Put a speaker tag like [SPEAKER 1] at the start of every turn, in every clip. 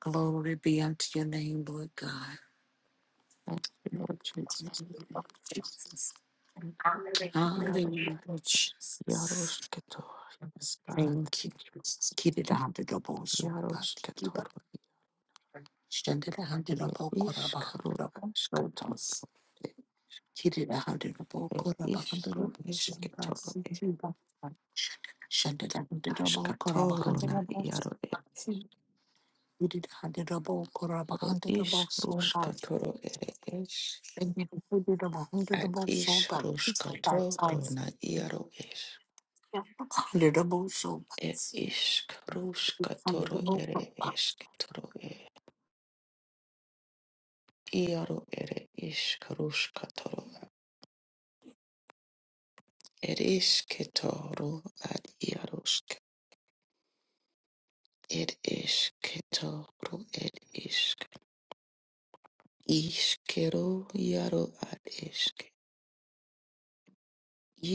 [SPEAKER 1] Glory be unto your name, Lord God.
[SPEAKER 2] Thank you, Lord Jesus.
[SPEAKER 1] Jesus.
[SPEAKER 2] Thank you, Yaro.
[SPEAKER 1] Hallelujah,
[SPEAKER 2] Yarosh
[SPEAKER 1] Jesus.
[SPEAKER 2] Ketor. Yes, God.
[SPEAKER 1] Thank you.
[SPEAKER 2] Thank you.
[SPEAKER 1] Keep it under the ball, so bad.
[SPEAKER 2] Yarosh
[SPEAKER 1] Keep
[SPEAKER 2] Ketor.
[SPEAKER 1] it. Stand it under the ball,
[SPEAKER 2] Ish
[SPEAKER 1] Koraba, under
[SPEAKER 2] Karu
[SPEAKER 1] the ball, so bad.
[SPEAKER 2] Ashkator.
[SPEAKER 1] Keep it under the ball, Koraba, under the
[SPEAKER 2] Ishru
[SPEAKER 1] ball, so bad.
[SPEAKER 2] Eshketor.
[SPEAKER 1] Stand it under the ball, Koraba,
[SPEAKER 2] Ashkator
[SPEAKER 1] under
[SPEAKER 2] na
[SPEAKER 1] the ball, so
[SPEAKER 2] Yaro.
[SPEAKER 1] bad. Keep it under the ball, Koraba, under the ball,
[SPEAKER 2] Ish
[SPEAKER 1] so bad.
[SPEAKER 2] Rushkator. Ish. At Ish Rushkator na Yaro. Ish. Ish Rushkator. Ere Eshketor. Iaro ere ishkarushka toro ere ishketoro ad iarushka ed ishketoro ed ishk ishkero iaro ad ishk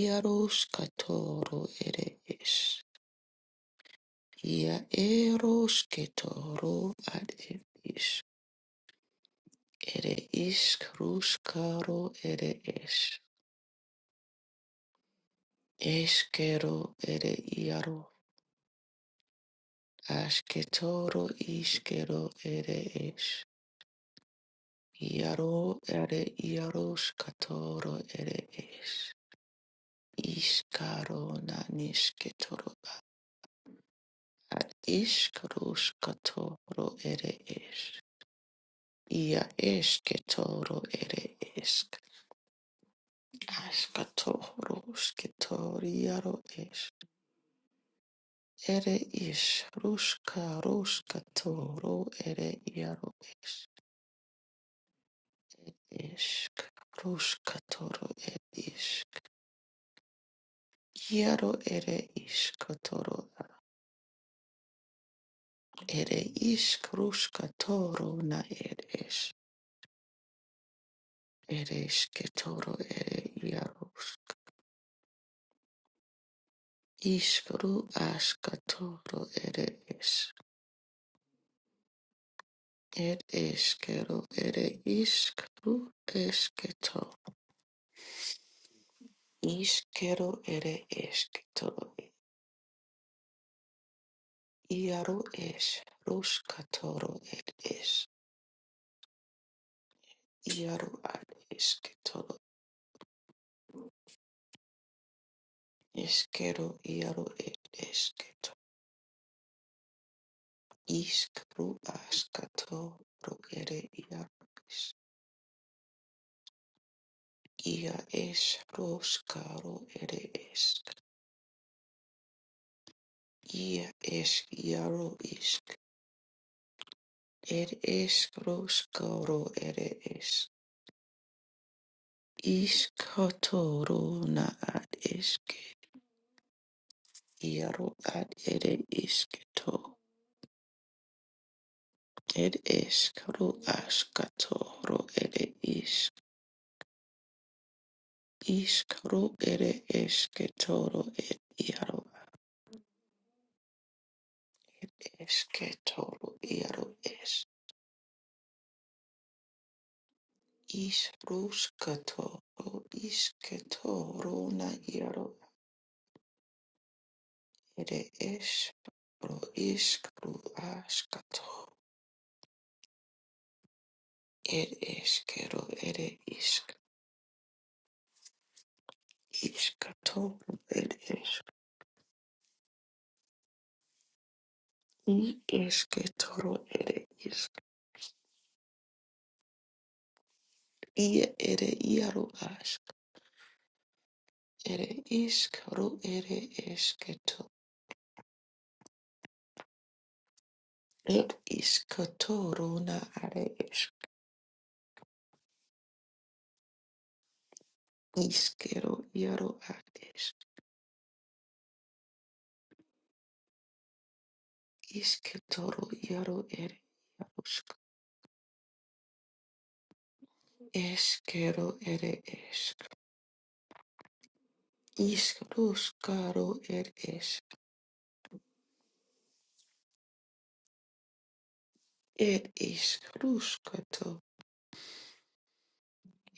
[SPEAKER 2] iarushka toro ere ish ia eroshketoro ad ed ish ere ishkarushkaro ere ish eshkero ere iaro ashketoro ishkero ere ish Iaro ere iaros katoro ere es. Iskaro na nisketoro ad iskaros katoro ere es. Ia esketoro ere esk. Askatoro sketoriaro es. Ere is ruska roskatoro ere iaro esk. Roskatoro ere isk. Iaro ere iskatoro Ere ish krushka toro na ere ish. Ere ishke toro ere iarush. Ishkru ashka toro ere ish. Ed eshkero ere ishkru eshketo. Ishkero ere eshketoro. Iaru ish. Rushka toro ed ish. Iaru ad eshketoro. Ishkero iaru ere ed Iskru askatu ro ere ia ia es roskaro ere esk ia es iaro isk er esk roskaro ere esk iskatoro na ad esk iaro ad ere isketo er esk ro askatoro ere isk iskro ere esketoro ere iaro Esketoro iaro es isruskatoro isketoro na iaro ere es ro iskru askato er eskero ere isk iskatoro ere isk i esketoro ere isk i ere iaro ask ere isk ro ere esketo er iskatoro na are esk iskero iaro ask Isketoro yaro ere yarusk. Eskero ere esk. Iskruskaro ere esk. Ed iskruskato.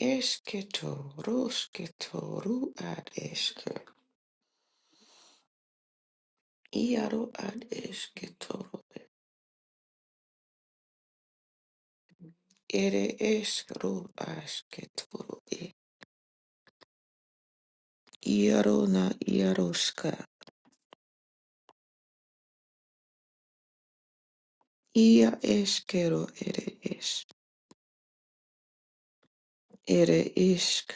[SPEAKER 2] Esketo rosketoru ad esk Iaro ad esketoro. Ere eskru asketoro e. Iaro na iaroska. Ia eskero ere es. Ere isk.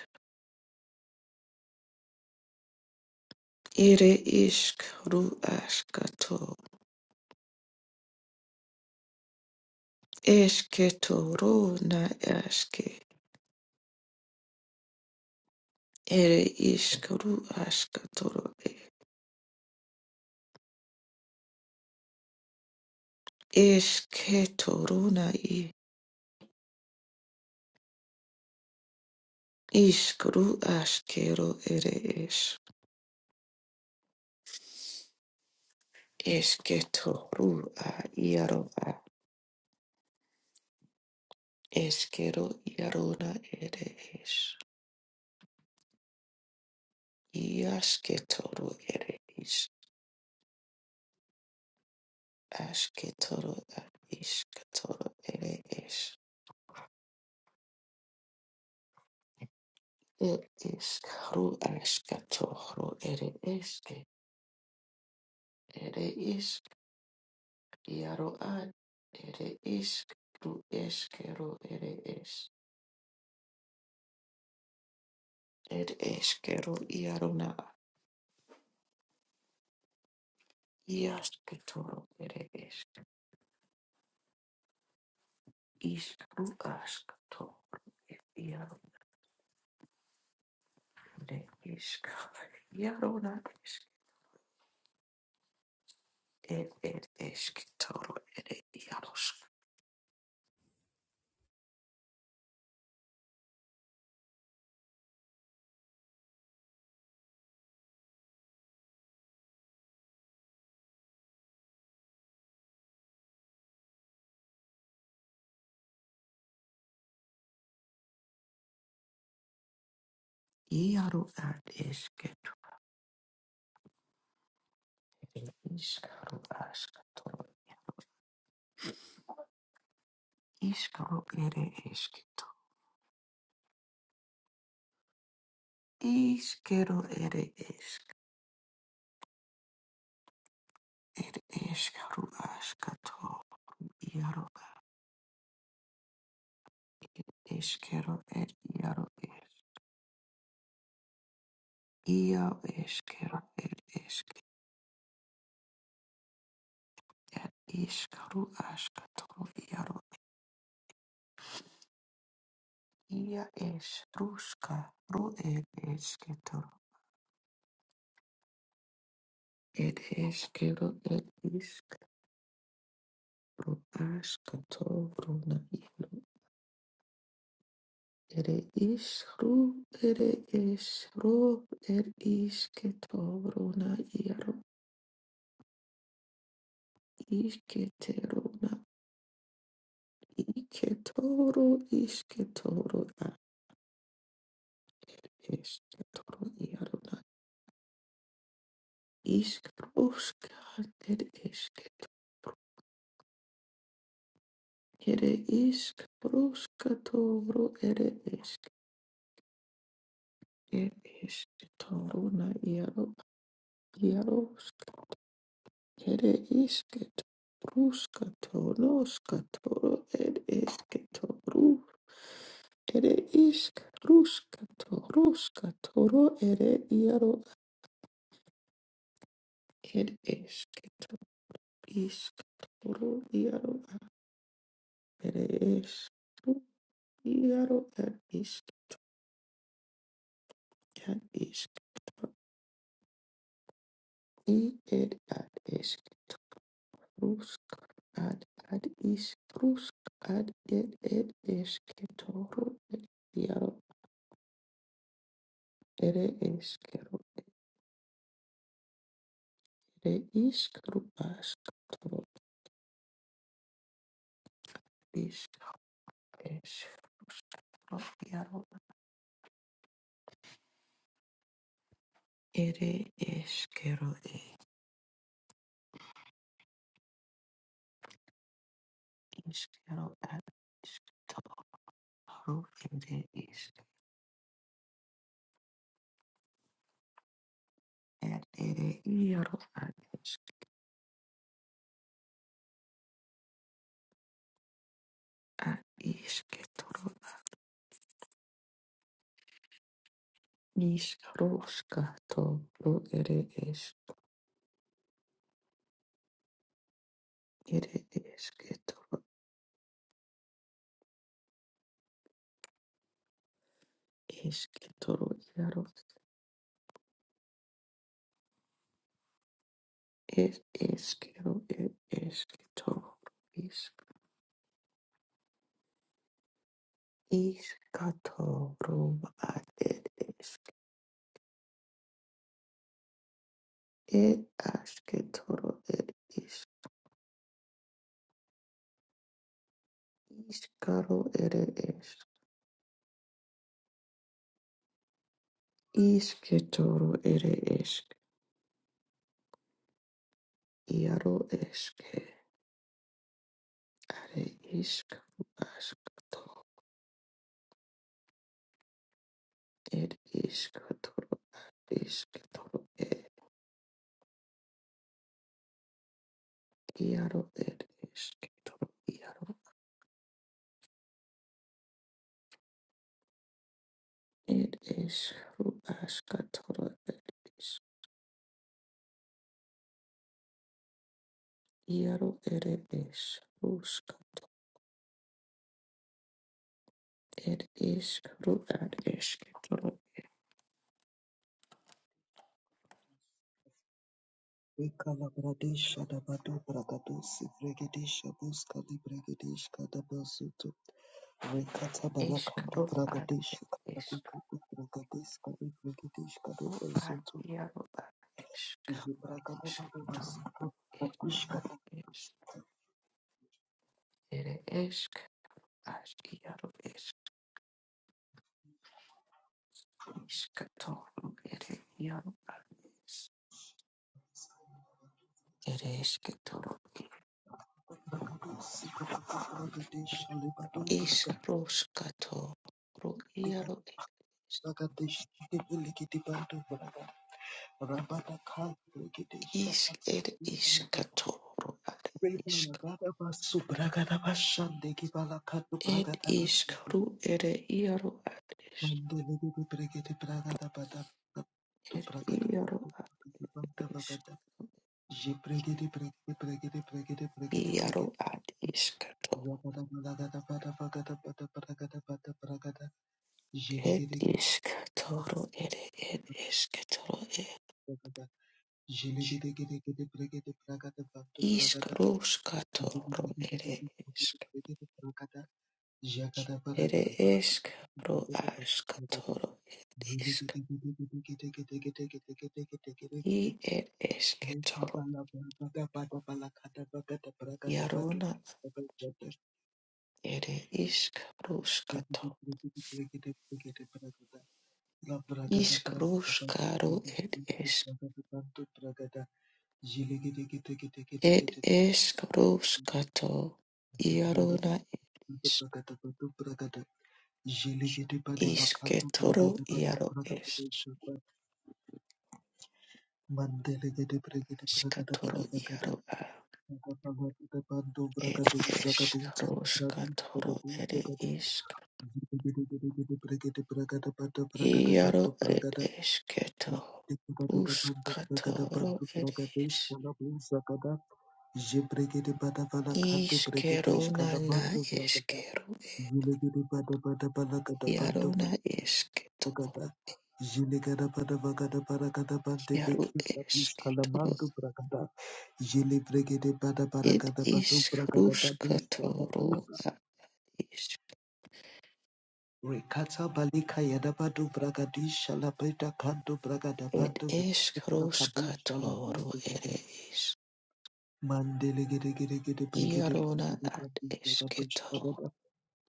[SPEAKER 2] Ere isk ru askato. Esketoro na aske. Ere iskru askatoro. e. Esketoro na i. Iskru askero ere es. Esketoro a iaro a. Eskero iaro na ere es. Iasketoro ere is. Asketoro a iskatoro ere es. It is karu askatoro ere eske. Ere Iaro ad ere iskru eskero ere es. Ed eskero iaro na ad. iasketoro ere esk. Isk askato iaro ne isk. Iaro na esk. Ed ed esketoro ere iarosk. Iaro ad esketo ere isk ru askatoro. Iskaro ere esketo. Iskero ere esk. Ed eskaru askato. Iaro a eskero ed iaro es. Ia eskero ed esk ed iskaru askatoro iaro. Ia es ruska ro ed esketoro. Ed eskero ed isk ro askatoro na iaro. Ere isru ere es ro ed isketoro na iaro. Isketero na Iketoro isketoro Eskitoro iarona iskroskater esket ere iskroskatoro ere isk er eskitoro na iaro iarosk ere isket ruskatoro skatoro er eskitoro ere isk ruskatoro skatoro ere iaro er eskitoro iskatoro iaro ere isk Iaro ad isk ad isk i ed ad isk rusk ad ad isk rusk ad ed ed isk toro ed iaro ere eskero ere isk rubask toro isk isk iaro ere eskero e iskero ad isk toro ere isk ad ere iaro ad isk ad isk toro Ishkarushka toru ere es ere esketoro esketoro yaro es eskero er esketoro is ishkatoro ad ed esk ed asketoro ed is ishkaro ere es ishketoro ere esk yaro eske are ishkaru askato ed ishkatoro ishketoro Iaro ed esketoro iaro ed es ru askatoro ed es iaro ere es ruska ed es ru ad esketoro
[SPEAKER 3] Vikalabradesha dabadu bragadosi brigadesha buska di brigadeshka dabazuto rekata balaka di
[SPEAKER 2] eskaro ad ed
[SPEAKER 3] bragadesha
[SPEAKER 2] esk
[SPEAKER 3] kabuka di brigadeshka di brigadeshka
[SPEAKER 2] ru ad
[SPEAKER 3] dabazuto
[SPEAKER 2] iaro ad esk
[SPEAKER 3] jibragada
[SPEAKER 2] esketoro
[SPEAKER 3] dabazuto
[SPEAKER 2] ed
[SPEAKER 3] kakushka
[SPEAKER 2] iaro es ere esk as iaro es iskatoro ere iaro es ere ish ketoro
[SPEAKER 3] bragadosi kabuka brigadesha libadu
[SPEAKER 2] ish
[SPEAKER 3] bragadiba
[SPEAKER 2] ruska to is Iaro.
[SPEAKER 3] bragadesh di brigadibandu braga rabada kai brigadesha
[SPEAKER 2] Ishk
[SPEAKER 3] kata
[SPEAKER 2] ere ishk toro ad ishk.
[SPEAKER 3] Rebala gada basu bragada bashande gibala kadu
[SPEAKER 2] Ed
[SPEAKER 3] bragada
[SPEAKER 2] ishk
[SPEAKER 3] basu
[SPEAKER 2] ru ere iaro ad ishk.
[SPEAKER 3] mandele gibi bregede bragada bada tu
[SPEAKER 2] Ed
[SPEAKER 3] bragada
[SPEAKER 2] iaro
[SPEAKER 3] babu
[SPEAKER 2] ad
[SPEAKER 3] bragada banda
[SPEAKER 2] ishk.
[SPEAKER 3] bagada je bregede bregede bregede bregede bregede
[SPEAKER 2] Iaro
[SPEAKER 3] bregede
[SPEAKER 2] ad ishk toro.
[SPEAKER 3] zabada balagada bada bagada bada bragada bada bragada je
[SPEAKER 2] Ed
[SPEAKER 3] legede gede
[SPEAKER 2] ishk toro ere ed ishk toro e.
[SPEAKER 3] bragada je legede gede gede bregede bragada batu
[SPEAKER 2] Ishk
[SPEAKER 3] bragada
[SPEAKER 2] rushk
[SPEAKER 3] legede
[SPEAKER 2] toro
[SPEAKER 3] gede
[SPEAKER 2] ere
[SPEAKER 3] gede bregede
[SPEAKER 2] ishk.
[SPEAKER 3] bregede bragada jagada bragada
[SPEAKER 2] Ere
[SPEAKER 3] balagada
[SPEAKER 2] ishk
[SPEAKER 3] bada
[SPEAKER 2] ru
[SPEAKER 3] bagada bada
[SPEAKER 2] ashk
[SPEAKER 3] bragada
[SPEAKER 2] ed
[SPEAKER 3] Mandele
[SPEAKER 2] ishk. I ed ishk Iarona ere ishk rushk Ishkarushkaru ed ish ed ishkarushkato iarona ish ishketoro iaro ish
[SPEAKER 3] gede pregede pragada
[SPEAKER 2] ashkatoro
[SPEAKER 3] bada vagada
[SPEAKER 2] iaro a
[SPEAKER 3] Zagada
[SPEAKER 2] ed ishkarushkatoro ed ishk iaro ed ishketo rushkatoro ed ish ishkerona na ishkeru iarona ishketo
[SPEAKER 3] Bagada, Jilegada bada bagada baragada bande
[SPEAKER 2] iaro
[SPEAKER 3] bekisa bushka la
[SPEAKER 2] ishketoro
[SPEAKER 3] mandu bragada. Jele bregede bada
[SPEAKER 2] It
[SPEAKER 3] baragada badu
[SPEAKER 2] is
[SPEAKER 3] bragada badu
[SPEAKER 2] Kruskatoro,
[SPEAKER 3] shabadusa.
[SPEAKER 2] it is
[SPEAKER 3] Rekata balika yada badu bragadisha la beta kandu bragada
[SPEAKER 2] it
[SPEAKER 3] bandu
[SPEAKER 2] is
[SPEAKER 3] vekisa bara kabusha la
[SPEAKER 2] Kruskatoro,
[SPEAKER 3] buza bada.
[SPEAKER 2] it is
[SPEAKER 3] Mandele gede gede gede bregede
[SPEAKER 2] Iarona
[SPEAKER 3] bregede
[SPEAKER 2] at
[SPEAKER 3] bandu bragadu
[SPEAKER 2] Esketo,
[SPEAKER 3] shabada.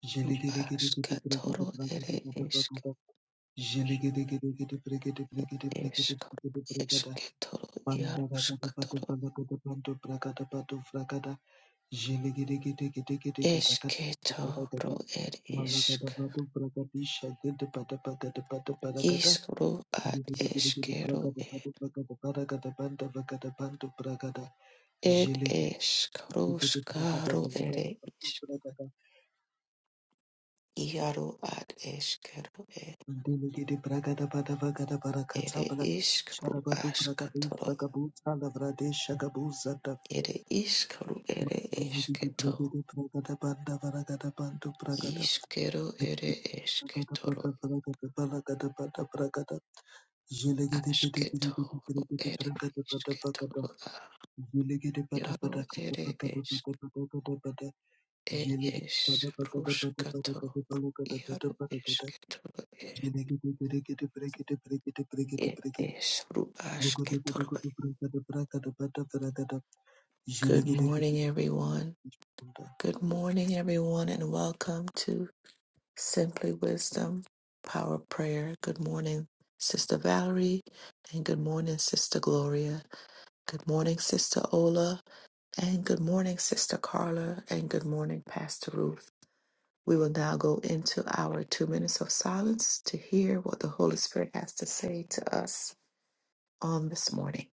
[SPEAKER 3] Jele gede gede gede bregede
[SPEAKER 2] Askatoro,
[SPEAKER 3] bragada
[SPEAKER 2] it
[SPEAKER 3] bada
[SPEAKER 2] is
[SPEAKER 3] bagada. Jele gede gede gede bregede bregede bregede
[SPEAKER 2] Eskro,
[SPEAKER 3] bregede bragada.
[SPEAKER 2] Esketoro, Iaruskatoro, Esketoro, it is Iskro at Eskero, it is Kruskaro, it is Iaro at Eskero, Ere ishkaru
[SPEAKER 3] Shara batu prakadu
[SPEAKER 2] ashkatoro,
[SPEAKER 3] sagabu salavra de shagabu zata
[SPEAKER 2] ere ishkaru ere esketo, ishkero ere esketoro, ashketoro ere ishketoro a, yaro ere esk, ere es yaro esketoro e, ere esru ashketoro. Good morning, everyone. Good morning, everyone, and welcome to Simply Wisdom, Power Prayer. Good morning, Sister Valerie, and good morning, Sister Gloria. Good morning, Sister Ola, and good morning, Sister Carla, and good morning, Pastor Ruth. We will now go into our two minutes of silence to hear what the Holy Spirit has to say to us on this morning.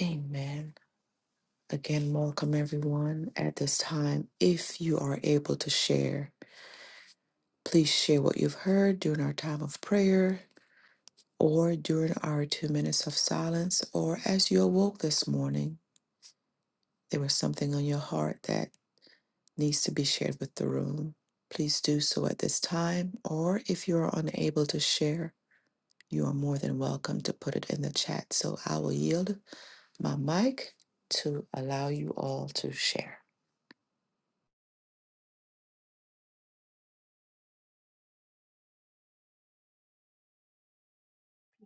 [SPEAKER 2] Amen. Again, welcome everyone at this time. If you are able to share, please share what you've heard during our time of prayer or during our two minutes of silence, or as you awoke this morning, there was something on your heart that needs to be shared with the room. Please do so at this time, or if you are unable to share, you are more than welcome to put it in the chat. So I will yield my mic to allow you all to share.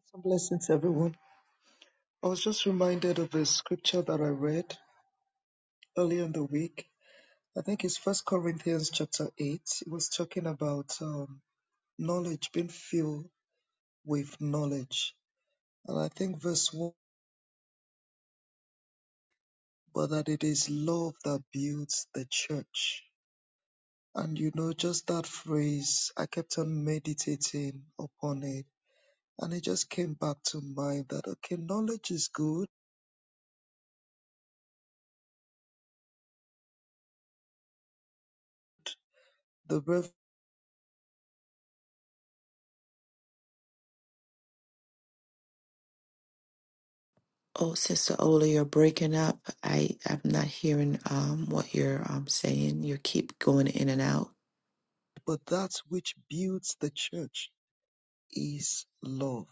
[SPEAKER 3] Some blessings, everyone. I was just reminded of a scripture that I read earlier in the week. I think it's First Corinthians chapter eight. It was talking about um, knowledge being filled with knowledge, and I think verse one, but that it is love that builds the church. And you know, just that phrase, I kept on meditating upon it, and it just came back to mind that okay, knowledge is good, the rev,
[SPEAKER 2] Oh, Sister Ola, you're breaking up. I, I'm not hearing um, what you're um, saying. You keep going in and out.
[SPEAKER 3] but that which builds the church is love.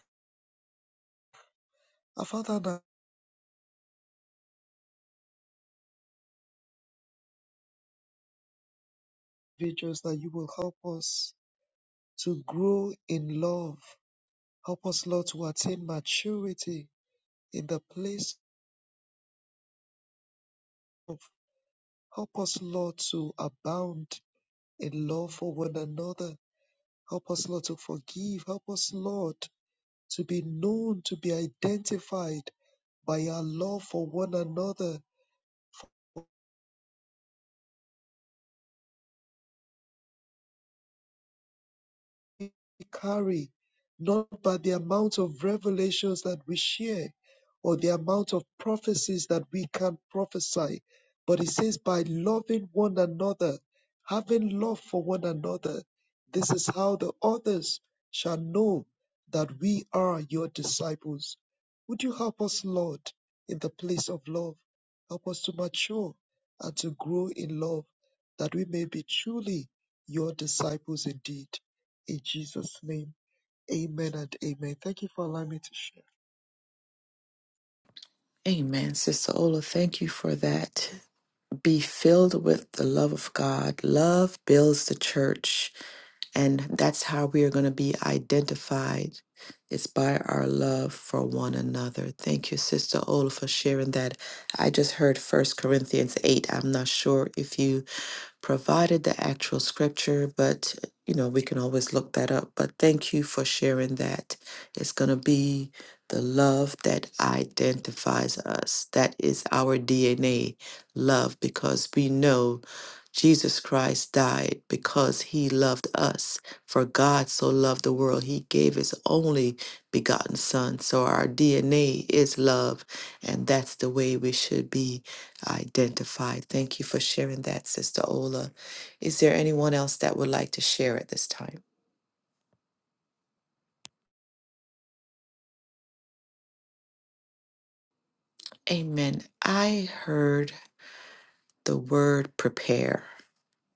[SPEAKER 3] I found that individuals that you will help us to grow in love. Help us, Lord, to attain maturity in the place of, help us, Lord, to abound in love for one another. Help us, Lord, to forgive. Help us, Lord, to be known, to be identified by our love for one another. carry, not by the amount of revelations that we share or the amount of prophecies that we can prophesy, but it says by loving one another, having love for one another. This is how the others shall know that we are your disciples. Would you help us, Lord, in the place of love? Help us to mature and to grow in love that we may be truly your disciples indeed. In Jesus' name, amen and amen. Thank you for allowing me to share.
[SPEAKER 2] Amen, Sister Ola. Thank you for that. be filled with the love of God. Love builds the church, and that's how we are going to be identified. It's by our love for one another. Thank you, Sister Ola, for sharing that. I just heard First Corinthians 8. I'm not sure if you provided the actual scripture, but you know, we can always look that up. But thank you for sharing that. It's going to be the love that identifies us. That is our DNA, love, because we know Jesus Christ died because he loved us. For God so loved the world, he gave his only begotten son. So our DNA is love, and that's the way we should be identified. Thank you for sharing that, Sister Ola. Is there anyone else that would like to share at this time? Amen. I heard the word prepare,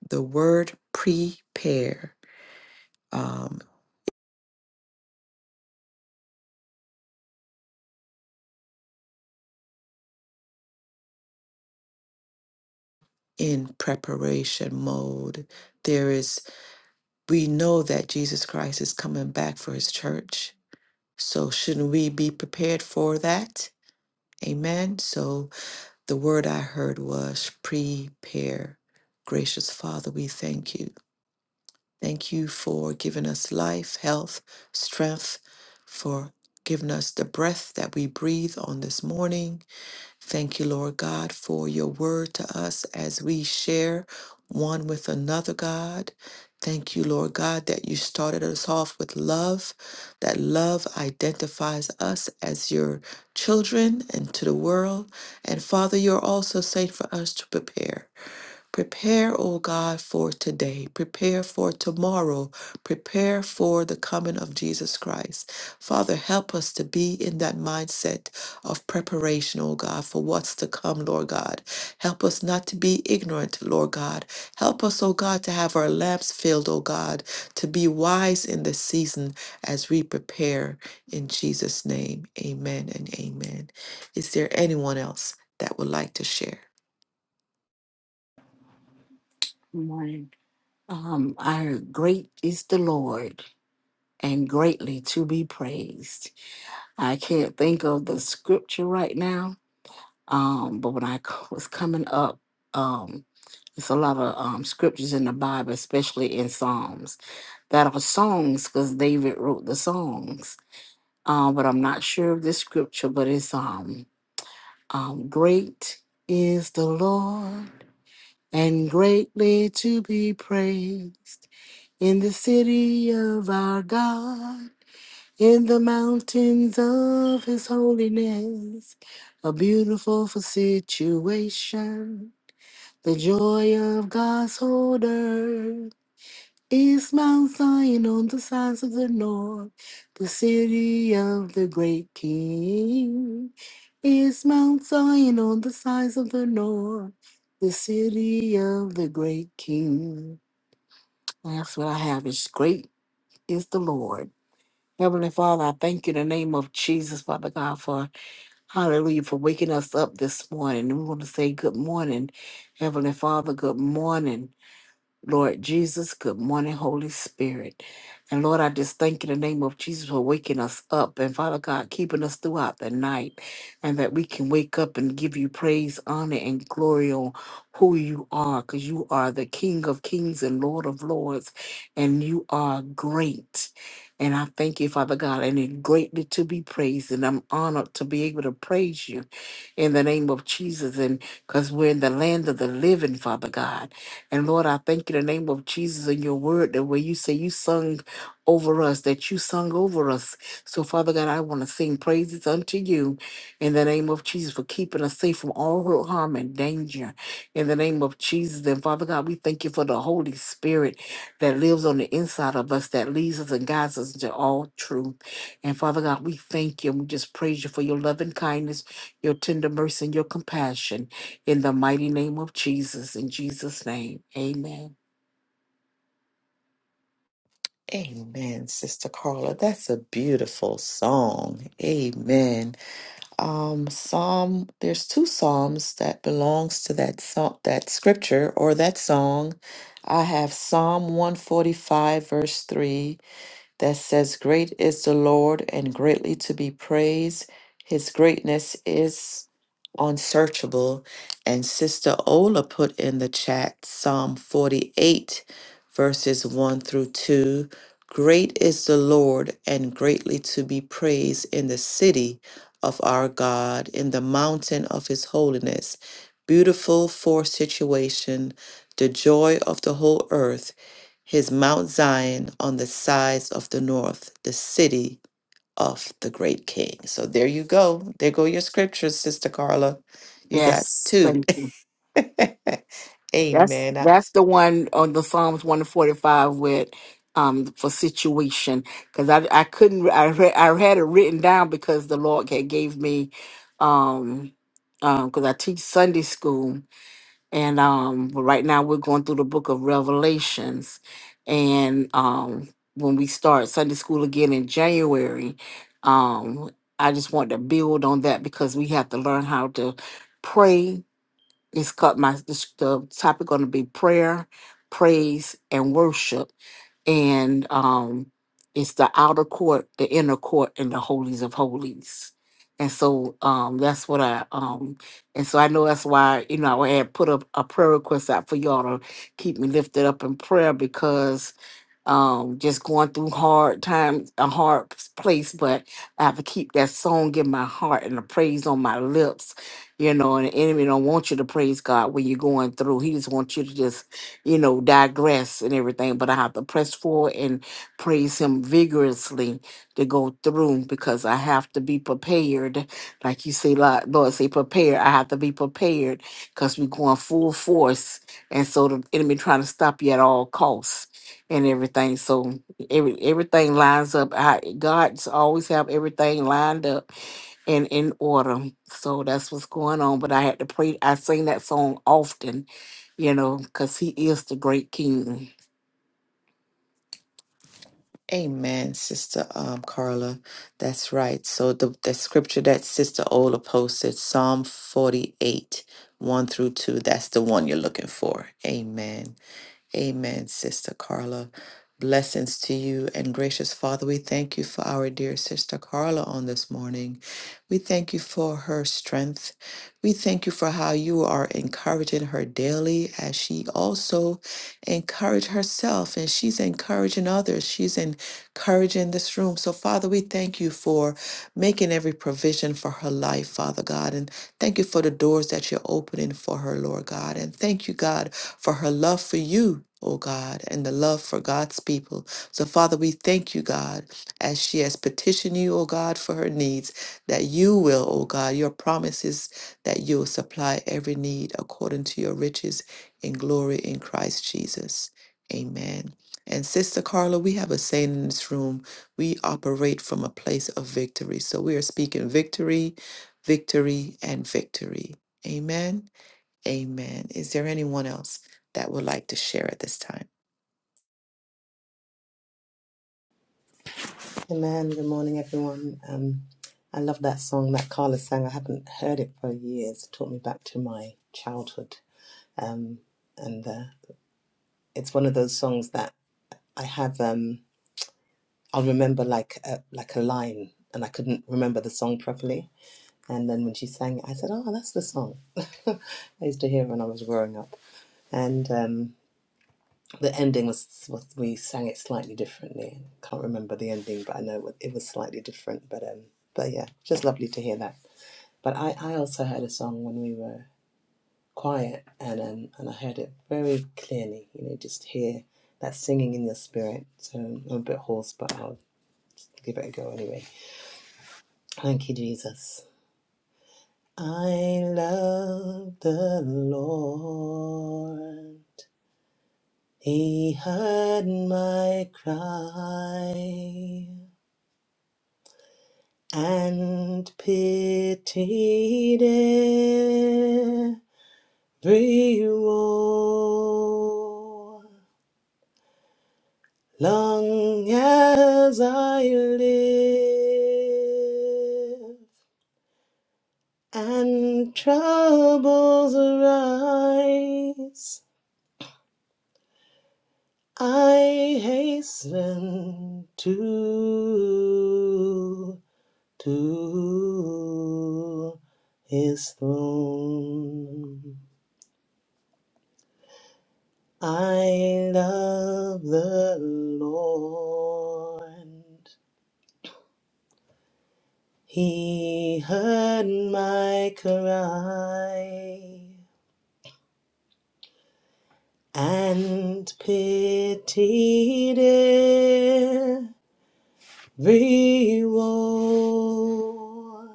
[SPEAKER 2] the word prepare um, in preparation mode. There is, we know that Jesus Christ is coming back for his church. So, shouldn't we be prepared for that? Amen. So, the word I heard was prepare. Gracious Father, we thank you. Thank you for giving us life, health, strength, for giving us the breath that we breathe on this morning. Thank you, Lord God, for your word to us as we share one with another, God. Thank you, Lord God, that you started us off with love, that love identifies us as your children and to the world. And Father, you're also saying for us to prepare. Prepare, O God, for today. Prepare for tomorrow. Prepare for the coming of Jesus Christ. Father, help us to be in that mindset of preparation, O God, for what's to come, Lord God. Help us not to be ignorant, Lord God. Help us, O God, to have our lamps filled, O God, to be wise in this season as we prepare in Jesus' name. Amen and amen. Is there anyone else that would like to share?
[SPEAKER 1] Mine. Um, our great is the Lord and greatly to be praised. I can't think of the scripture right now, um, but when I c- was coming up, um, it's a lot of um, scriptures in the Bible, especially in Psalms, that are songs because David wrote the songs. um, but I'm not sure of this scripture, but it's um, um, great is the Lord and greatly to be praised in the city of our God, in the mountains of his holiness, a beautiful for situation. The joy of God's whole earth is Mount Zion on the sides of the north, the city of the great King. Is Mount Zion on the sides of the north, the city of the great king? That's what I have. Is great is the Lord. Heavenly Father, I thank you in the name of Jesus, Father God, for hallelujah, for waking us up this morning. And we want to say good morning, Heavenly Father, good morning. Lord Jesus, good morning, Holy Spirit. And Lord, I just thank you in the name of Jesus for waking us up and Father God, keeping us throughout the night and that we can wake up and give you praise, honor, and glory on who you are because you are the King of kings and Lord of lords and you are great. And I thank you, Father God, and it greatly to be praised. And I'm honored to be able to praise you in the name of Jesus. And because we're in the land of the living, Father God. And Lord, I thank you in the name of Jesus and your word that where you say you sung over us, that you sung over us. So, Father God, I want to sing praises unto you in the name of Jesus for keeping us safe from all hurt, harm, and danger. In the name of Jesus. And Father God, we thank you for the Holy Spirit that lives on the inside of us, that leads us and guides us into all truth. And Father God, we thank you and we just praise you for your loving kindness, your tender mercy, and your compassion. In the mighty name of Jesus, in Jesus' name, amen.
[SPEAKER 2] Amen, Sister Carla. That's a beautiful song. Amen. Um, Psalm. There's two psalms that belongs to that song, that scripture or that song. I have Psalm 145, verse three, that says, Great is the Lord and greatly to be praised. His greatness is unsearchable. And Sister Ola put in the chat Psalm 48, verses 1 through 2. Great is the Lord and greatly to be praised in the city of our God, in the mountain of his holiness. Beautiful for situation, the joy of the whole earth his Mount Zion on the sides of the north, the city of the great king. So there you go. There go your scriptures, Sister Carla. You got
[SPEAKER 1] Yes,
[SPEAKER 2] two.
[SPEAKER 1] thank you. That's
[SPEAKER 2] Amen. Uh,
[SPEAKER 1] that's the one on the Psalms one forty five with um for situation because I I couldn't I re- I had it written down because the Lord had gave me um um because I teach Sunday school and um but right now we're going through the book of revelations and um when we start sunday school again in january um i just want to build on that because we have to learn how to pray it's cut my the, the topic going to be prayer praise and worship and um, it's the outer court, the inner court, and the holies of holies. And so um, that's what I um, and so I know that's why you know I had put a, a prayer request out for y'all to keep me lifted up in prayer because um just going through hard times a hard s- place but i have to keep that song in my heart and the praise on my lips you know and the enemy don't want you to praise god when you're going through he just wants you to just you know digress and everything but i have to press forward and praise him vigorously to go through because i have to be prepared like you say Lo- lord say prepare i have to be prepared because we're going full force and so the enemy trying to stop you at all costs and everything. So every everything lines up. I, God's always have everything lined up and in order. So that's what's going on. But I had to pray. I sing that song often, you know, because He is the great King.
[SPEAKER 2] Amen, Sister um, Carla. That's right. So the, the scripture that Sister Ola posted, Psalm 48, 1 through 2, that's the one you're looking for. Amen. Amen, Sister Carla. Blessings to you and gracious Father, we thank you for our dear Sister Carla on this morning. We thank you for her strength. We thank you for how you are encouraging her daily as she also encouraged herself and she's encouraging others. She's encouraging this room. So, Father, we thank you for making every provision for her life, Father God. And thank you for the doors that you're opening for her, Lord God. And thank you, God, for her love for you, O God, and the love for God's people. So, Father, we thank you, God, as she has petitioned you, O God, for her needs, that you will, O God, your promises that you will supply every need according to your riches in glory in Christ Jesus. Amen. And Sister Carla, we have a saying in this room we operate from a place of victory. So we are speaking victory, victory, and victory. Amen. Amen. Is there anyone else that would like to share at this time?
[SPEAKER 4] Amen. Good morning, everyone. Um, I love that song that Carla sang. I haven't heard it for years. It took me back to my childhood. Um, and uh, it's one of those songs that I have. Um, I'll remember like a, like a line, and I couldn't remember the song properly. And then when she sang it, I said, "Oh, that's the song." I used to hear it when I was growing up, and. Um, The ending was was we sang it slightly differently. Can't remember the ending, but I know it was slightly different. But um, but yeah, just lovely to hear that. But I, I also heard a song when we were quiet, and um, and I heard it very clearly. You know, just hear that singing in your spirit. So I'm a bit hoarse, but I'll give it a go anyway. Thank you, Jesus. I love the Lord. He heard my cry and pitied every war. Long as I live, and troubles arise, I hasten to to his throne. I love the Lord. He heard my cry and pitied every woe.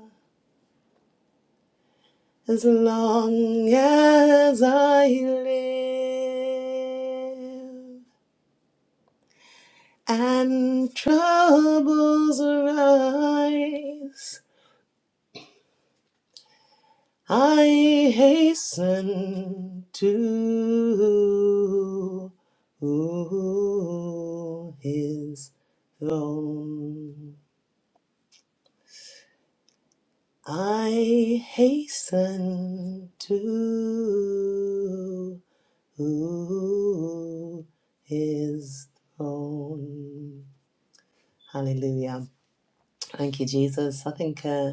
[SPEAKER 4] As long as I live and troubles rise. I hasten to his throne. I hasten to his throne. Hallelujah. Thank you, Jesus. I think, uh,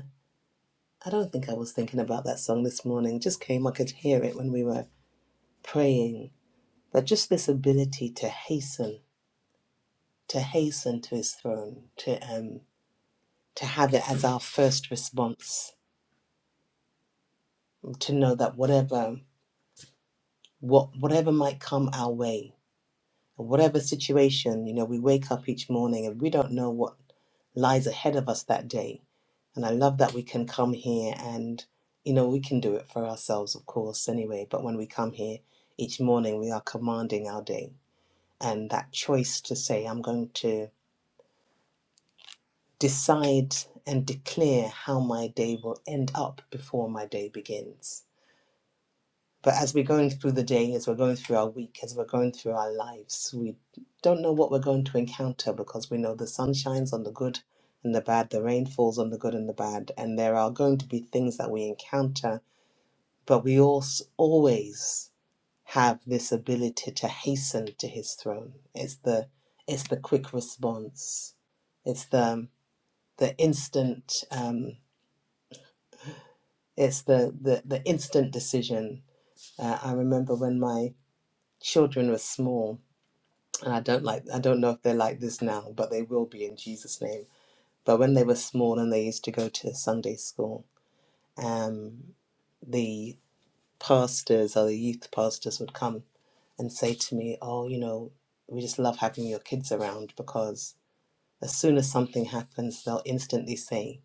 [SPEAKER 4] I don't think I was thinking about that song this morning. Just came, I could hear it when we were praying that just this ability to hasten, to hasten to his throne, to um, to have it as our first response, to know that whatever what whatever might come our way, whatever situation, you know, we wake up each morning and we don't know what lies ahead of us that day. And I love that we can come here and you know, we can do it for ourselves, of course, anyway, but when we come here each morning we are commanding our day. And that choice to say, I'm going to decide and declare how my day will end up before my day begins. But as we're going through the day, as we're going through our week, as we're going through our lives, we don't know what we're going to encounter because we know the sun shines on the good and the bad, the rain falls on the good and the bad, and there are going to be things that we encounter. But we also always have this ability to hasten to His throne. It's the it's the quick response. It's the the instant. Um, It's the the, the instant decision. Uh, I remember when my children were small, and I don't like I don't know if they're like this now, but they will be in Jesus' name. But when they were small and they used to go to Sunday school, um, the pastors or the youth pastors would come and say to me, "Oh, you know, we just love having your kids around because as soon as something happens, they'll instantly say."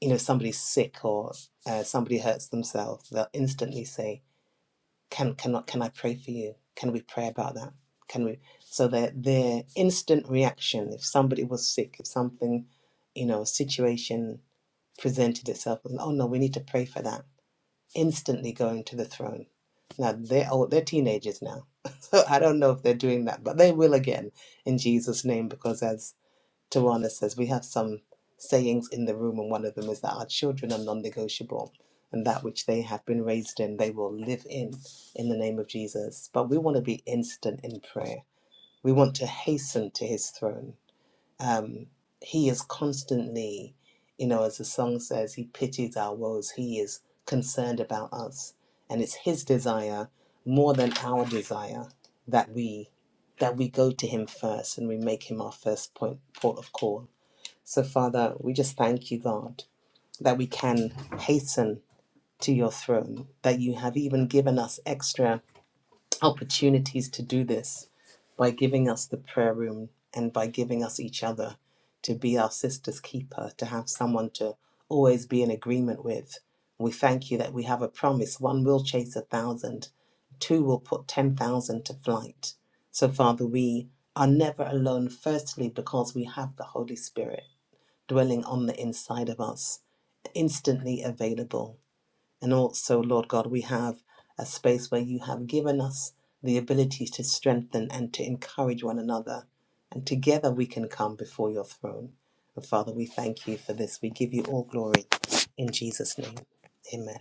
[SPEAKER 4] you know somebody's sick or uh, somebody hurts themselves they'll instantly say Can can can I pray for you? Can we pray about that? Can we? So their their instant reaction if somebody was sick, if something, you know, situation presented itself, was, oh no, we need to pray for that. Instantly going to the throne. Now they're old, they're teenagers now, so I don't know if they're doing that, but they will again in Jesus' name because as Tawana says, we have some sayings in the room, and one of them is that our children are non negotiable, and that which they have been raised in, they will live in, in the name of Jesus. But we want to be instant in prayer, we want to hasten to his throne. Um, he is constantly, you know, as the song says, he pities our woes, he is concerned about us, and it's his desire more than our desire that we that we go to him first and we make him our first point port of call so, Father, we just thank you, God, that we can hasten to your throne, that you have even given us extra opportunities to do this by giving us the prayer room and by giving us each other to be our sister's keeper, to have someone to always be in agreement with. We thank you that we have a promise one will chase a thousand, two will put 10,000 to flight. So, Father, we are never alone, firstly, because we have the Holy Spirit dwelling on the inside of us, instantly available. And also, Lord God, we have a space where you have given us the ability to strengthen and to encourage one another. And together we can come before your throne. And Father, we thank you for this. We give you all glory in Jesus' name. Amen.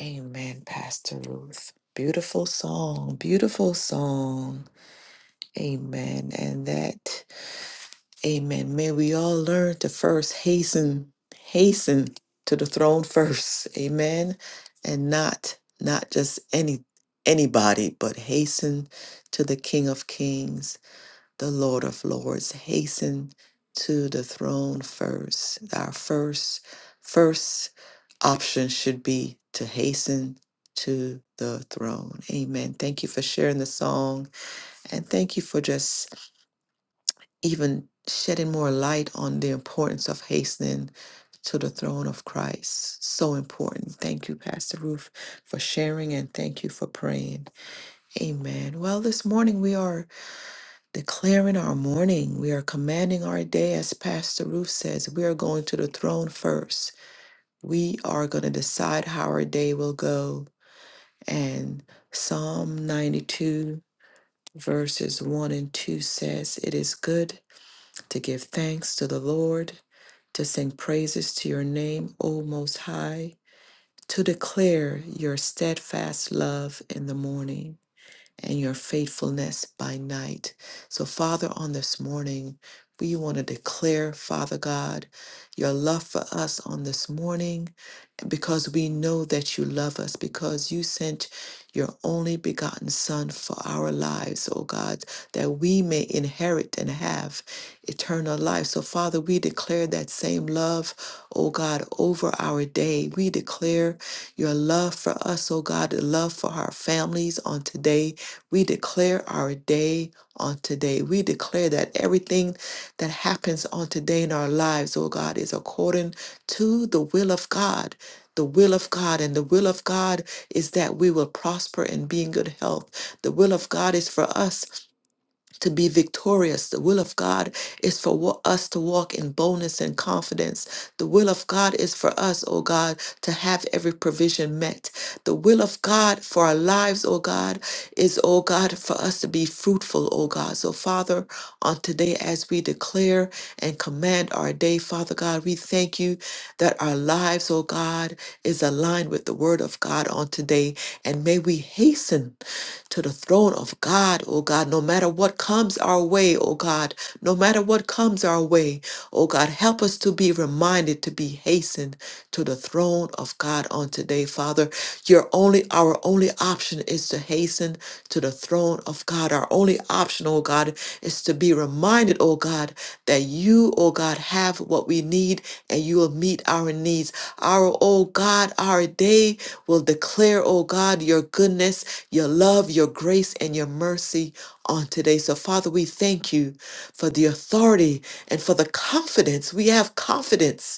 [SPEAKER 2] Amen, Pastor Ruth. Beautiful song, beautiful song. Amen. And that, amen. May we all learn to first hasten, hasten to the throne first. Amen. And not, not just any anybody, but hasten to the King of Kings the Lord of Lords, hasten to the throne first. Our first first option should be to hasten to the throne. Amen. Thank you for sharing the song and thank you for just even shedding more light on the importance of hastening to the throne of Christ. So important. Thank you, Pastor Ruth, for sharing and thank you for praying. Amen. Well, this morning we are declaring our morning. We are commanding our day, as Pastor Ruth says. We are going to the throne first. We are going to decide how our day will go. And Psalm 92, verses 1 and 2 says, It is good to give thanks to the Lord, to sing praises to your name, O Most High, to declare your steadfast love in the morning and your faithfulness by night. So, Father, on this morning, we want to declare, Father God, your love for us on this morning because we know that you love us, because you sent your only begotten Son for our lives, O God, that we may inherit and have eternal life. So, Father, we declare that same love, O God, over our day. We declare your love for us, O God, the love for our families on today. We declare our day on today. We declare that everything that happens on today in our lives, O God, is according to the will of God the will of God, and the will of God is that we will prosper and be in good health. The will of God is for us to be victorious. The will of God is for wa- us to walk in boldness and confidence. The will of God is for us, O God, to have every provision met. The will of God for our lives, O God, is, O God, for us to be fruitful, O God. So, Father, on today, as we declare and command our day, Father God, we thank you that our lives, O God, is aligned with the word of God on today. And may we hasten to the throne of God, oh God, no matter what comes our way, oh God, no matter what comes our way, oh God, help us to be reminded to be hastened to the throne of God on today, Father. Your only, our only option is to hasten to the throne of God. Our only option, oh God, is to be reminded, oh God, that you, oh God, have what we need and you will meet our needs. Our, oh God, our day will declare, oh God, your goodness, your love, your grace, and your mercy on today. So, Father, we thank you for the authority and for the confidence. We have confidence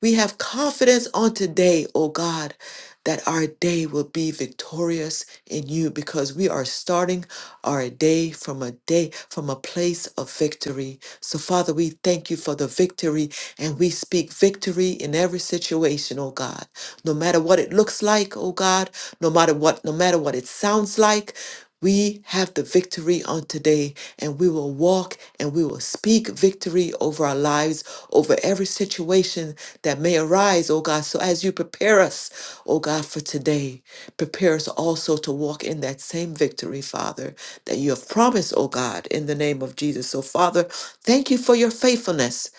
[SPEAKER 2] we have confidence on today, oh God, that our day will be victorious in you because we are starting our day from a day from a place of victory. So Father, we thank you for the victory and we speak victory in every situation, oh God. No matter what it looks like, oh God, no matter what no matter what it sounds like, we have the victory on today and we will walk and we will speak victory over our lives, over every situation that may arise, oh God. So as you prepare us, oh God, for today, prepare us also to walk in that same victory, Father, that you have promised, oh God, in the name of Jesus. So, Father, thank you for your faithfulness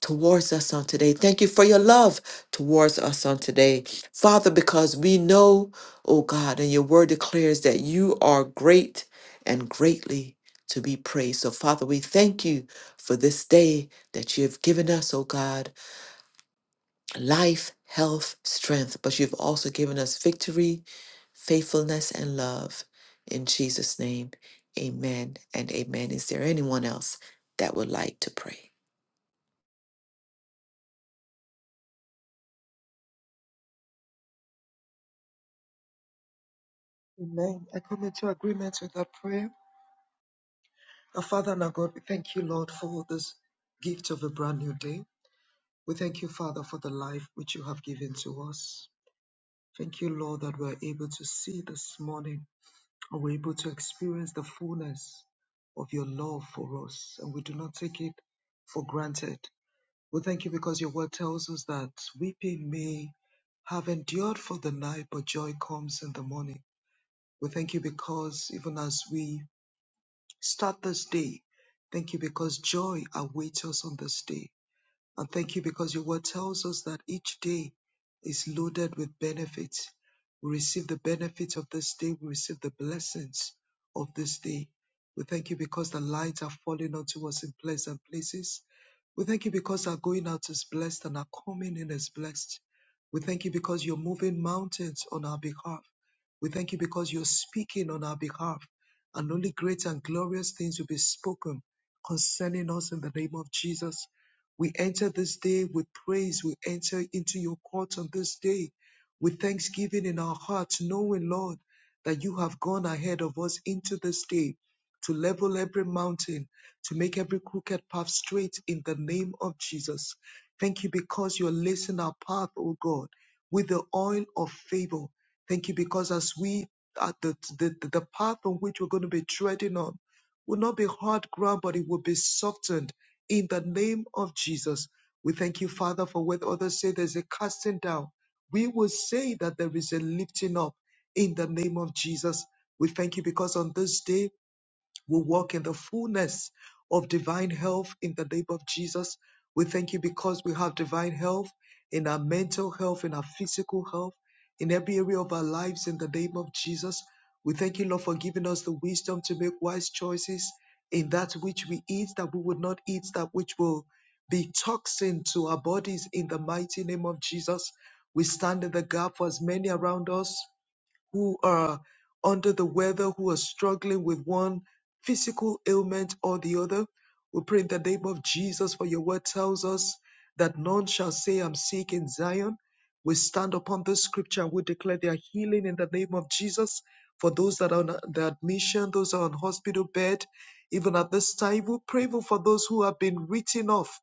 [SPEAKER 2] towards us on today. Thank you for your love towards us on today. Father, because we know, oh God, and your word declares that you are great and greatly to be praised. So, Father, we thank you for this day that you have given us, oh God life, health, strength, but you've also given us victory, faithfulness, and love. In Jesus' name, amen and amen. Is there anyone else that would like to pray?
[SPEAKER 3] Amen. I come into agreement with that prayer. Our Father and our God, we thank you, Lord, for this gift of a brand new day. We thank you, Father, for the life which you have given to us. Thank you, Lord, that we're able to see this morning and we're able to experience the fullness of your love for us. And we do not take it for granted. We thank you because your word tells us that weeping may have endured for the night, but joy comes in the morning. We thank you because even as we start this day, thank you because joy awaits us on this day. And thank you because your word tells us that each day is loaded with benefits. We receive the benefits of this day, we receive the blessings of this day. We thank you because the lights are falling onto us in pleasant places. We thank you because our going out is blessed and our coming in is blessed. We thank you because you're moving mountains on our behalf. We thank you because you're speaking on our behalf, and only great and glorious things will be spoken concerning us in the name of Jesus. We enter this day with praise. We enter into your courts on this day with thanksgiving in our hearts, knowing, Lord, that you have gone ahead of us into this day to level every mountain, to make every crooked path straight in the name of Jesus. Thank you because you're lacing our path, O God, with the oil of favor. Thank you because as we uh, the, the, the path on which we're going to be treading on will not be hard ground, but it will be softened in the name of Jesus. We thank you, Father, for what others say there's a casting down. We will say that there is a lifting up in the name of Jesus. We thank you because on this day we walk in the fullness of divine health in the name of Jesus. We thank you because we have divine health in our mental health, in our physical health, in every area of our lives in the name of Jesus. We thank you, Lord, for giving us the wisdom to make wise choices in that which we eat, that we would not eat, that which will be toxin to our bodies in the mighty name of Jesus. We stand in the gap for as many around us who are under the weather, who are struggling with one physical ailment or the other. We pray in the name of Jesus, for your word tells us that none shall say, I'm sick in Zion. We stand upon this scripture and we declare their healing in the name of Jesus. For those that are on the admission, those are on hospital bed, even at this time, we pray for those who have been written off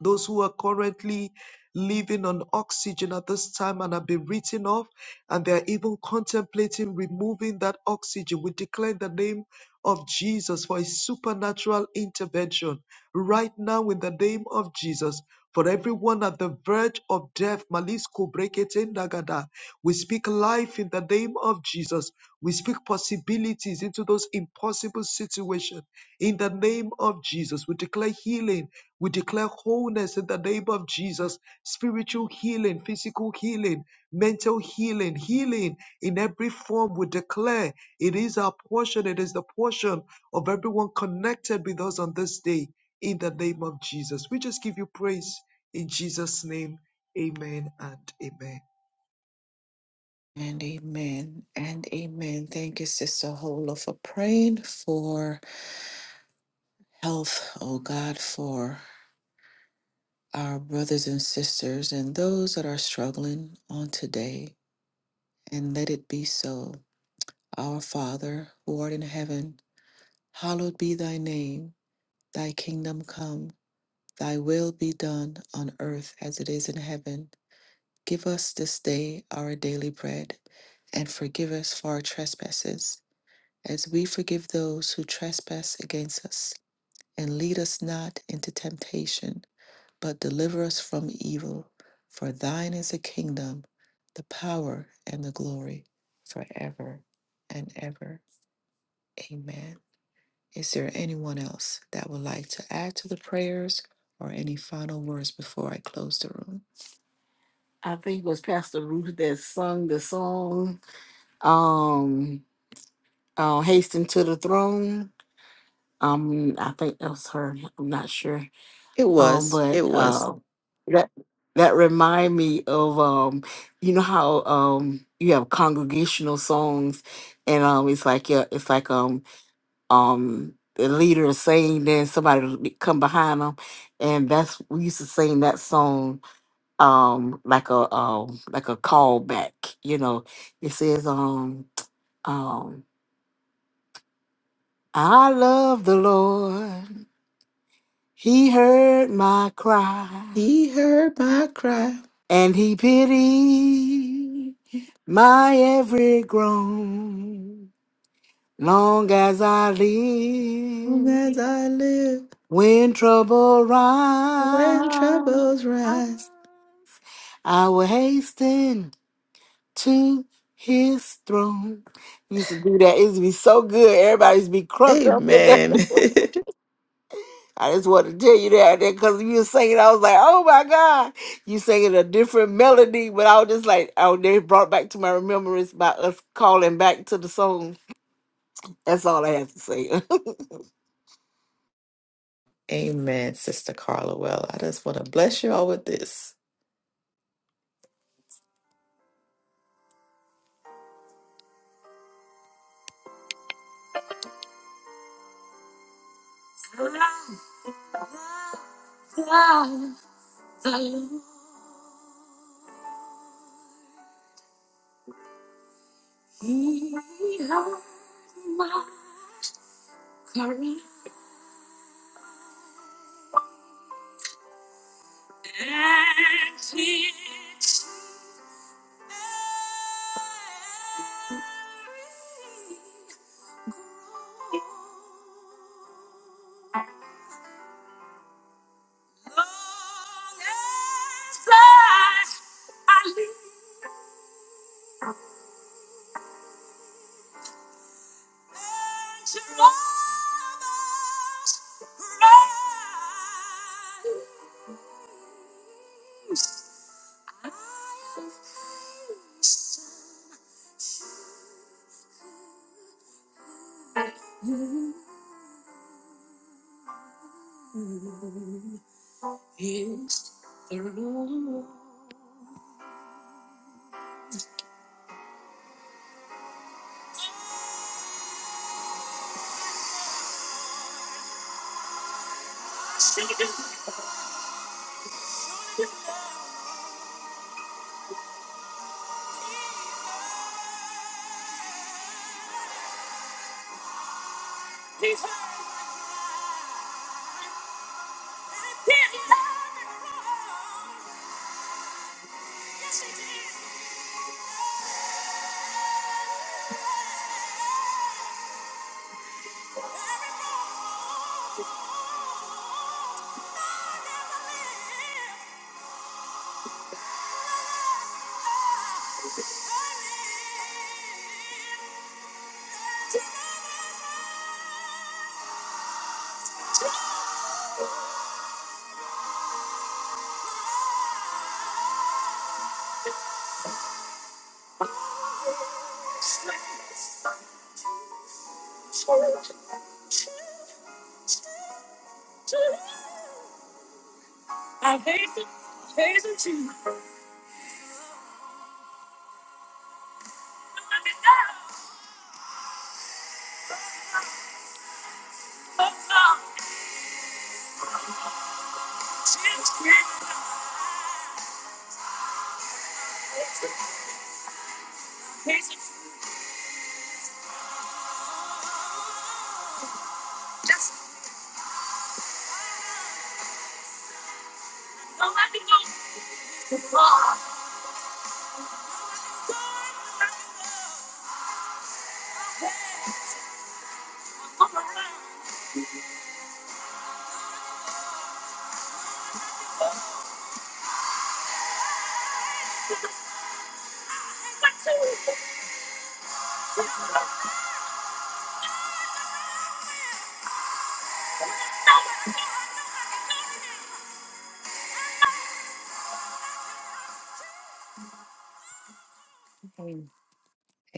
[SPEAKER 3] those who are currently living on oxygen at this time and have been written off, and they are even contemplating removing that oxygen. We declare in the name of Jesus for a supernatural intervention right now in the name of Jesus. For everyone at the verge of death, Malis Kubrekete Nagada, we speak life in the name of Jesus. We speak possibilities into those impossible situations in the name of Jesus. We declare healing we declare wholeness in the name of Jesus, spiritual healing, physical healing, mental healing, healing in every form. We declare it is our portion, it is the portion of everyone connected with us on this day in the name of Jesus. We just give you praise in Jesus' name. Amen and amen.
[SPEAKER 2] And amen and amen. Thank you, Sister Hola, for praying for health, oh God, for our brothers and sisters and those that are struggling on today. And let it be so. Our Father, who art in heaven, hallowed be thy name. Thy kingdom come, thy will be done on earth as it is in heaven. Give us this day our daily bread, and forgive us for our trespasses, as we forgive those who trespass against us. And lead us not into temptation, but deliver us from evil. For thine is the kingdom, the power, and the glory, forever and ever. Amen. Is there anyone else that would like to add to the prayers or any final words before I close the room?
[SPEAKER 1] I think it was Pastor Ruth that sung the song, um, uh, "Hasten to the Throne." Um, I think that was her. I'm not sure.
[SPEAKER 2] It
[SPEAKER 1] Um,
[SPEAKER 2] was,
[SPEAKER 1] but
[SPEAKER 2] it was.
[SPEAKER 1] uh, that that remind me of um, you know how um you have congregational songs, and um it's like yeah, it's like um um the leader is saying, then somebody will be- come behind them, and that's we used to sing that song um like a um like a callback. You know, it says um um I love the Lord. He heard my cry
[SPEAKER 2] He heard my cry,
[SPEAKER 1] and he pity my every groan. Long as I
[SPEAKER 2] long
[SPEAKER 1] live,
[SPEAKER 2] as I live,
[SPEAKER 1] when trouble
[SPEAKER 2] when
[SPEAKER 1] rise,
[SPEAKER 2] troubles rise.
[SPEAKER 1] I will hasten to his throne. He Used to do that. It used to be so good. Everybody used to be crunk up in there.
[SPEAKER 2] Amen.
[SPEAKER 1] I just want to tell you that because you were singing, I was like, oh my God. You singing a different melody, but I was just like, oh, they brought back to my remembrance by us calling back to the song. That's all I have to say.
[SPEAKER 2] Amen, Sister Carla. Well, I just want to bless y'all with this. He heard my cry. Is the Lord. He's Yes, I hate it. I Hate it too. Oh, no. It's great. I Hate it. Just Don't let me go Oh, I'm around. I'm too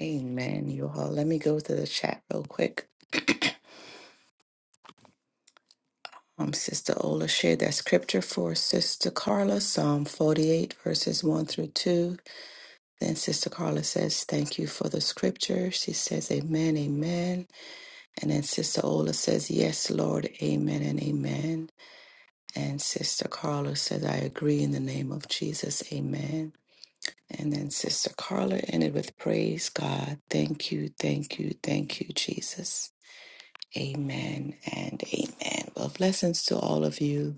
[SPEAKER 2] Amen, you all. Let me go to the chat real quick. Um, Sister Ola shared that scripture for Sister Carla, Psalm 48, verses 1 through 2. Then Sister Carla says, Thank you for the scripture. She says, Amen, amen. And then Sister Ola says, Yes, Lord, amen and amen. And Sister Carla says, I agree in the name of Jesus, amen. And then Sister Carla ended with, Praise God. Thank you, thank you, thank you, Jesus. Amen and amen. Well, blessings to all of you.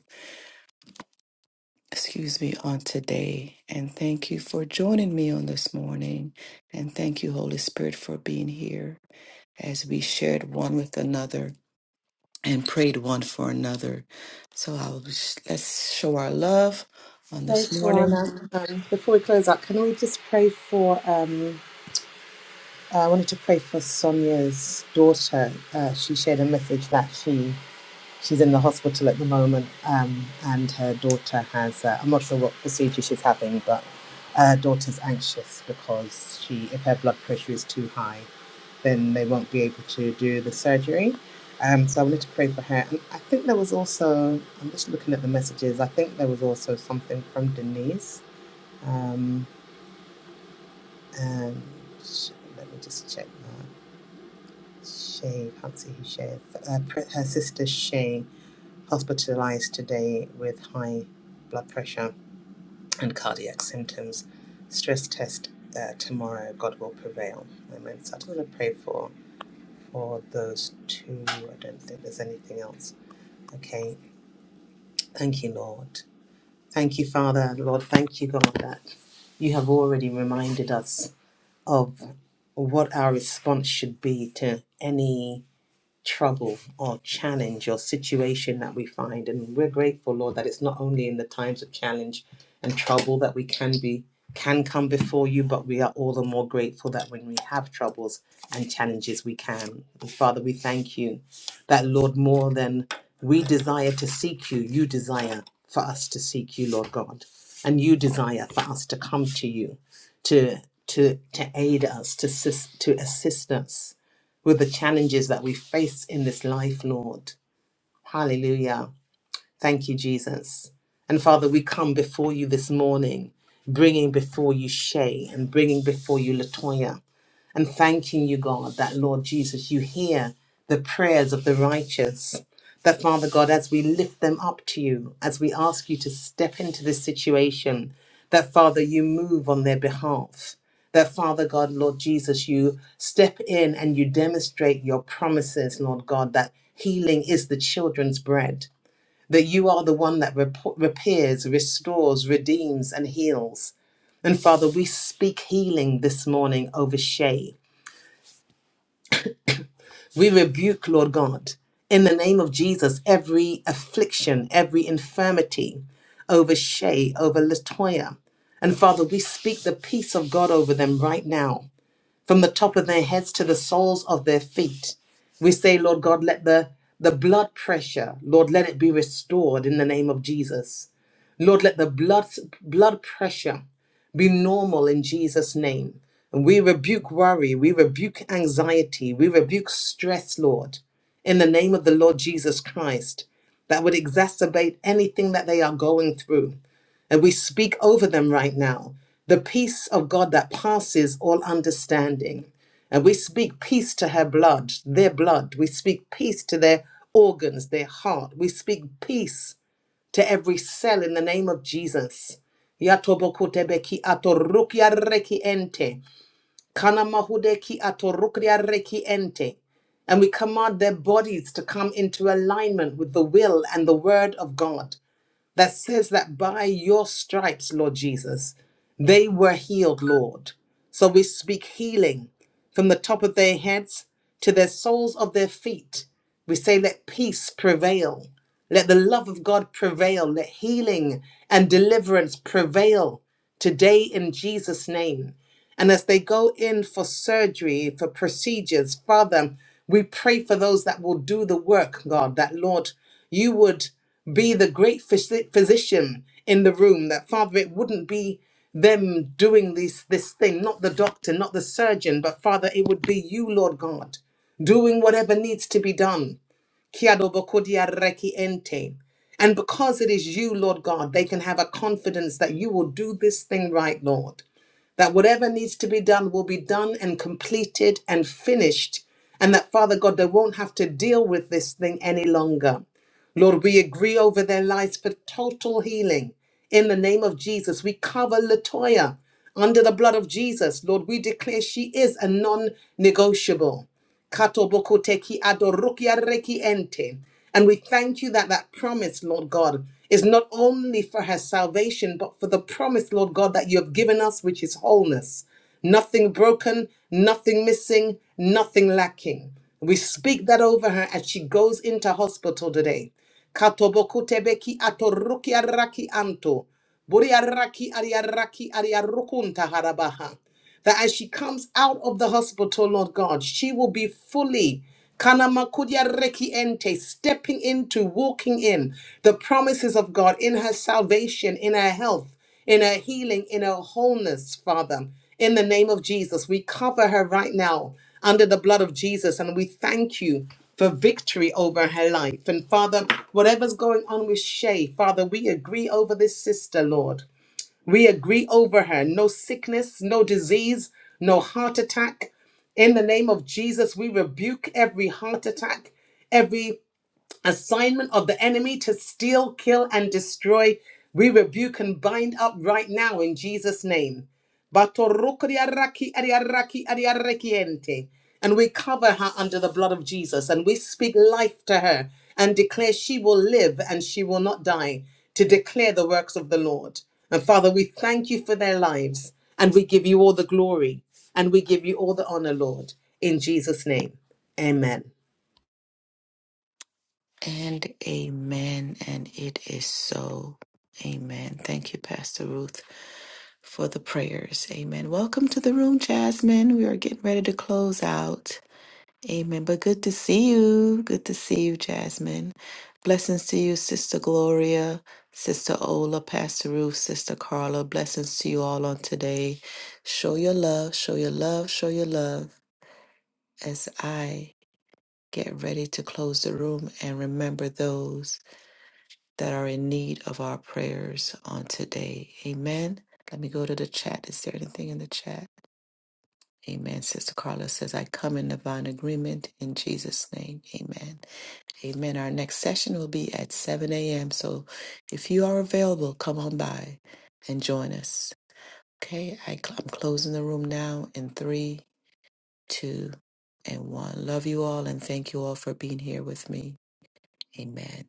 [SPEAKER 2] excuse me, on today. And thank you for joining me on this morning. And thank you, Holy Spirit, for being here as we shared one with another and prayed one for another. So I'll let's show our love on
[SPEAKER 4] So,
[SPEAKER 2] this morning.
[SPEAKER 4] Tawana, um, before we close out, can we just pray for? Um, I wanted to pray for Sonia's daughter. Uh, she shared a message that she She's in the hospital at the moment, um, and her daughter has. Uh, I'm not sure what procedure she's having, but her daughter's anxious because she, if her blood pressure is too high, then they won't be able to do the surgery. Um, so I wanted to pray for her, and I think there was also. I'm just looking at the messages. I think there was also something from Denise, um, and let me just check that. Shay, can't see who Shay is. Uh, her sister Shay. hospitalized today with high blood pressure and cardiac symptoms. Stress test uh, tomorrow. God will prevail. Amen. So I just want to pray for for those two. I don't think there's anything else. Okay. Thank you, Lord. Thank you, Father. Lord, thank you, God, that you have already reminded us of what our response should be to any trouble or challenge or situation that we find. And we're grateful, Lord, that it's not only in the times of challenge and trouble that we can be can come before you, but we are all the more grateful that when we have troubles and challenges we can. And Father, we thank you that Lord, more than we desire to seek you, you desire for us to seek you, Lord God. And you desire for us to come to you, to to to aid us, to assist, to assist us with the challenges that we face in this life, Lord. Hallelujah. Thank you, Jesus. And Father, we come before you this morning, bringing before you Shay and bringing before you Latoya and thanking you, God, that Lord Jesus, you hear the prayers of the righteous. That Father God, as we lift them up to you, as we ask you to step into this situation, that Father, you move on their behalf. That Father God, Lord Jesus, you step in and you demonstrate your promises, Lord God, that healing is the children's bread, that you are the one that rep- repairs, restores, redeems, and heals. And Father, we speak healing this morning over Shay. We rebuke, Lord God, in the name of Jesus, every affliction, every infirmity over Shay, over Latoya. And Father, we speak the peace of God over them right now from the top of their heads to the soles of their feet. We say, Lord God, let the, the blood pressure, Lord, let it be restored in the name of Jesus. Lord, let the blood, blood pressure be normal in Jesus' name. And we rebuke worry, we rebuke anxiety, we rebuke stress, Lord, in the name of the Lord Jesus Christ, that would exacerbate anything that they are going through. And we speak over them right now the peace of God that passes all understanding. And we speak peace to her blood, their blood. We speak peace to their organs, their heart. We speak peace to every cell in the name of Jesus. Yatobokotebeki atorukia reki ente. Kanamahudeki atorukria reki ente. And we command their bodies to come into alignment with the will and the word of God that says that by your stripes, Lord Jesus, they were healed, Lord. So we speak healing from the top of their heads to their soles of their feet. We say, let peace prevail. Let the love of God prevail. Let healing and deliverance prevail today in Jesus' name. And as they go in for surgery, for procedures, Father, we pray for those that will do the work, God, that Lord, you would be the great physi- physician in the room, that Father, it wouldn't be them doing this, this thing, not the doctor, not the surgeon, but Father, it would be you, Lord God, doing whatever needs to be done. Kiado bokodia reki ente. And because it is you, Lord God, they can have a confidence that you will do this thing right, Lord that whatever needs to be done will be done and completed and finished, and that, Father God, they won't have to deal with this thing any longer. Lord, we agree over their lives for total healing. In the name of Jesus, we cover Latoya under the blood of Jesus. Lord, we declare she is a non negotiable. Katobokoteki adorukia reki ente. And we thank you that that promise, Lord God, is not only for her salvation, but for the promise, Lord God, that you have given us, which is wholeness. Nothing broken, nothing missing, nothing lacking. We speak that over her as she goes into hospital today. Katobokutebeki atorukia raki anto. Buriaraki ariaraki ariarukunta harabaha that as she comes out of the hospital, Lord God, she will be fully kanamakudia reki ente, stepping into, walking in the promises of God in her salvation, in her health, in her healing, in her wholeness, Father. In the name of Jesus, we cover her right now under the blood of Jesus and we thank you for victory over her life. And Father, whatever's going on with Shay, Father, we agree over this sister, Lord. We agree over her. No sickness, no disease, no heart attack. In the name of Jesus, we rebuke every heart attack, every assignment of the enemy to steal, kill, and destroy, we rebuke and bind up right now in Jesus' name. Batorukriaraki ariaraki ariarekiente. And we cover her under the blood of Jesus and we speak life to her and declare she will live and she will not die to declare the works of the Lord. And Father, we thank you for their lives and we give you all the glory and we give you all the honor, Lord, in Jesus' name. Amen.
[SPEAKER 2] And amen. And it is so. Amen. Thank you, Pastor Ruth, for the prayers. Amen. Welcome to the room, Jasmine. We are getting ready to close out. Amen. But good to see you. Good to see you, Jasmine. Blessings to you, Sister Gloria, Sister Ola, Pastor Ruth, Sister Carla. Blessings to you all on today. Show your love, show your love, show your love as I get ready to close the room and remember those that are in need of our prayers on today. Amen. Let me go to the chat. Is there anything in the chat? Amen. Sister Carla says, I come in divine agreement in Jesus' name. Amen. Amen. Our next session will be at 7 a.m. So if you are available, come on by and join us. Okay, I cl- I'm closing the room now in three, two, and one. Love you all and thank you all for being here with me. Amen.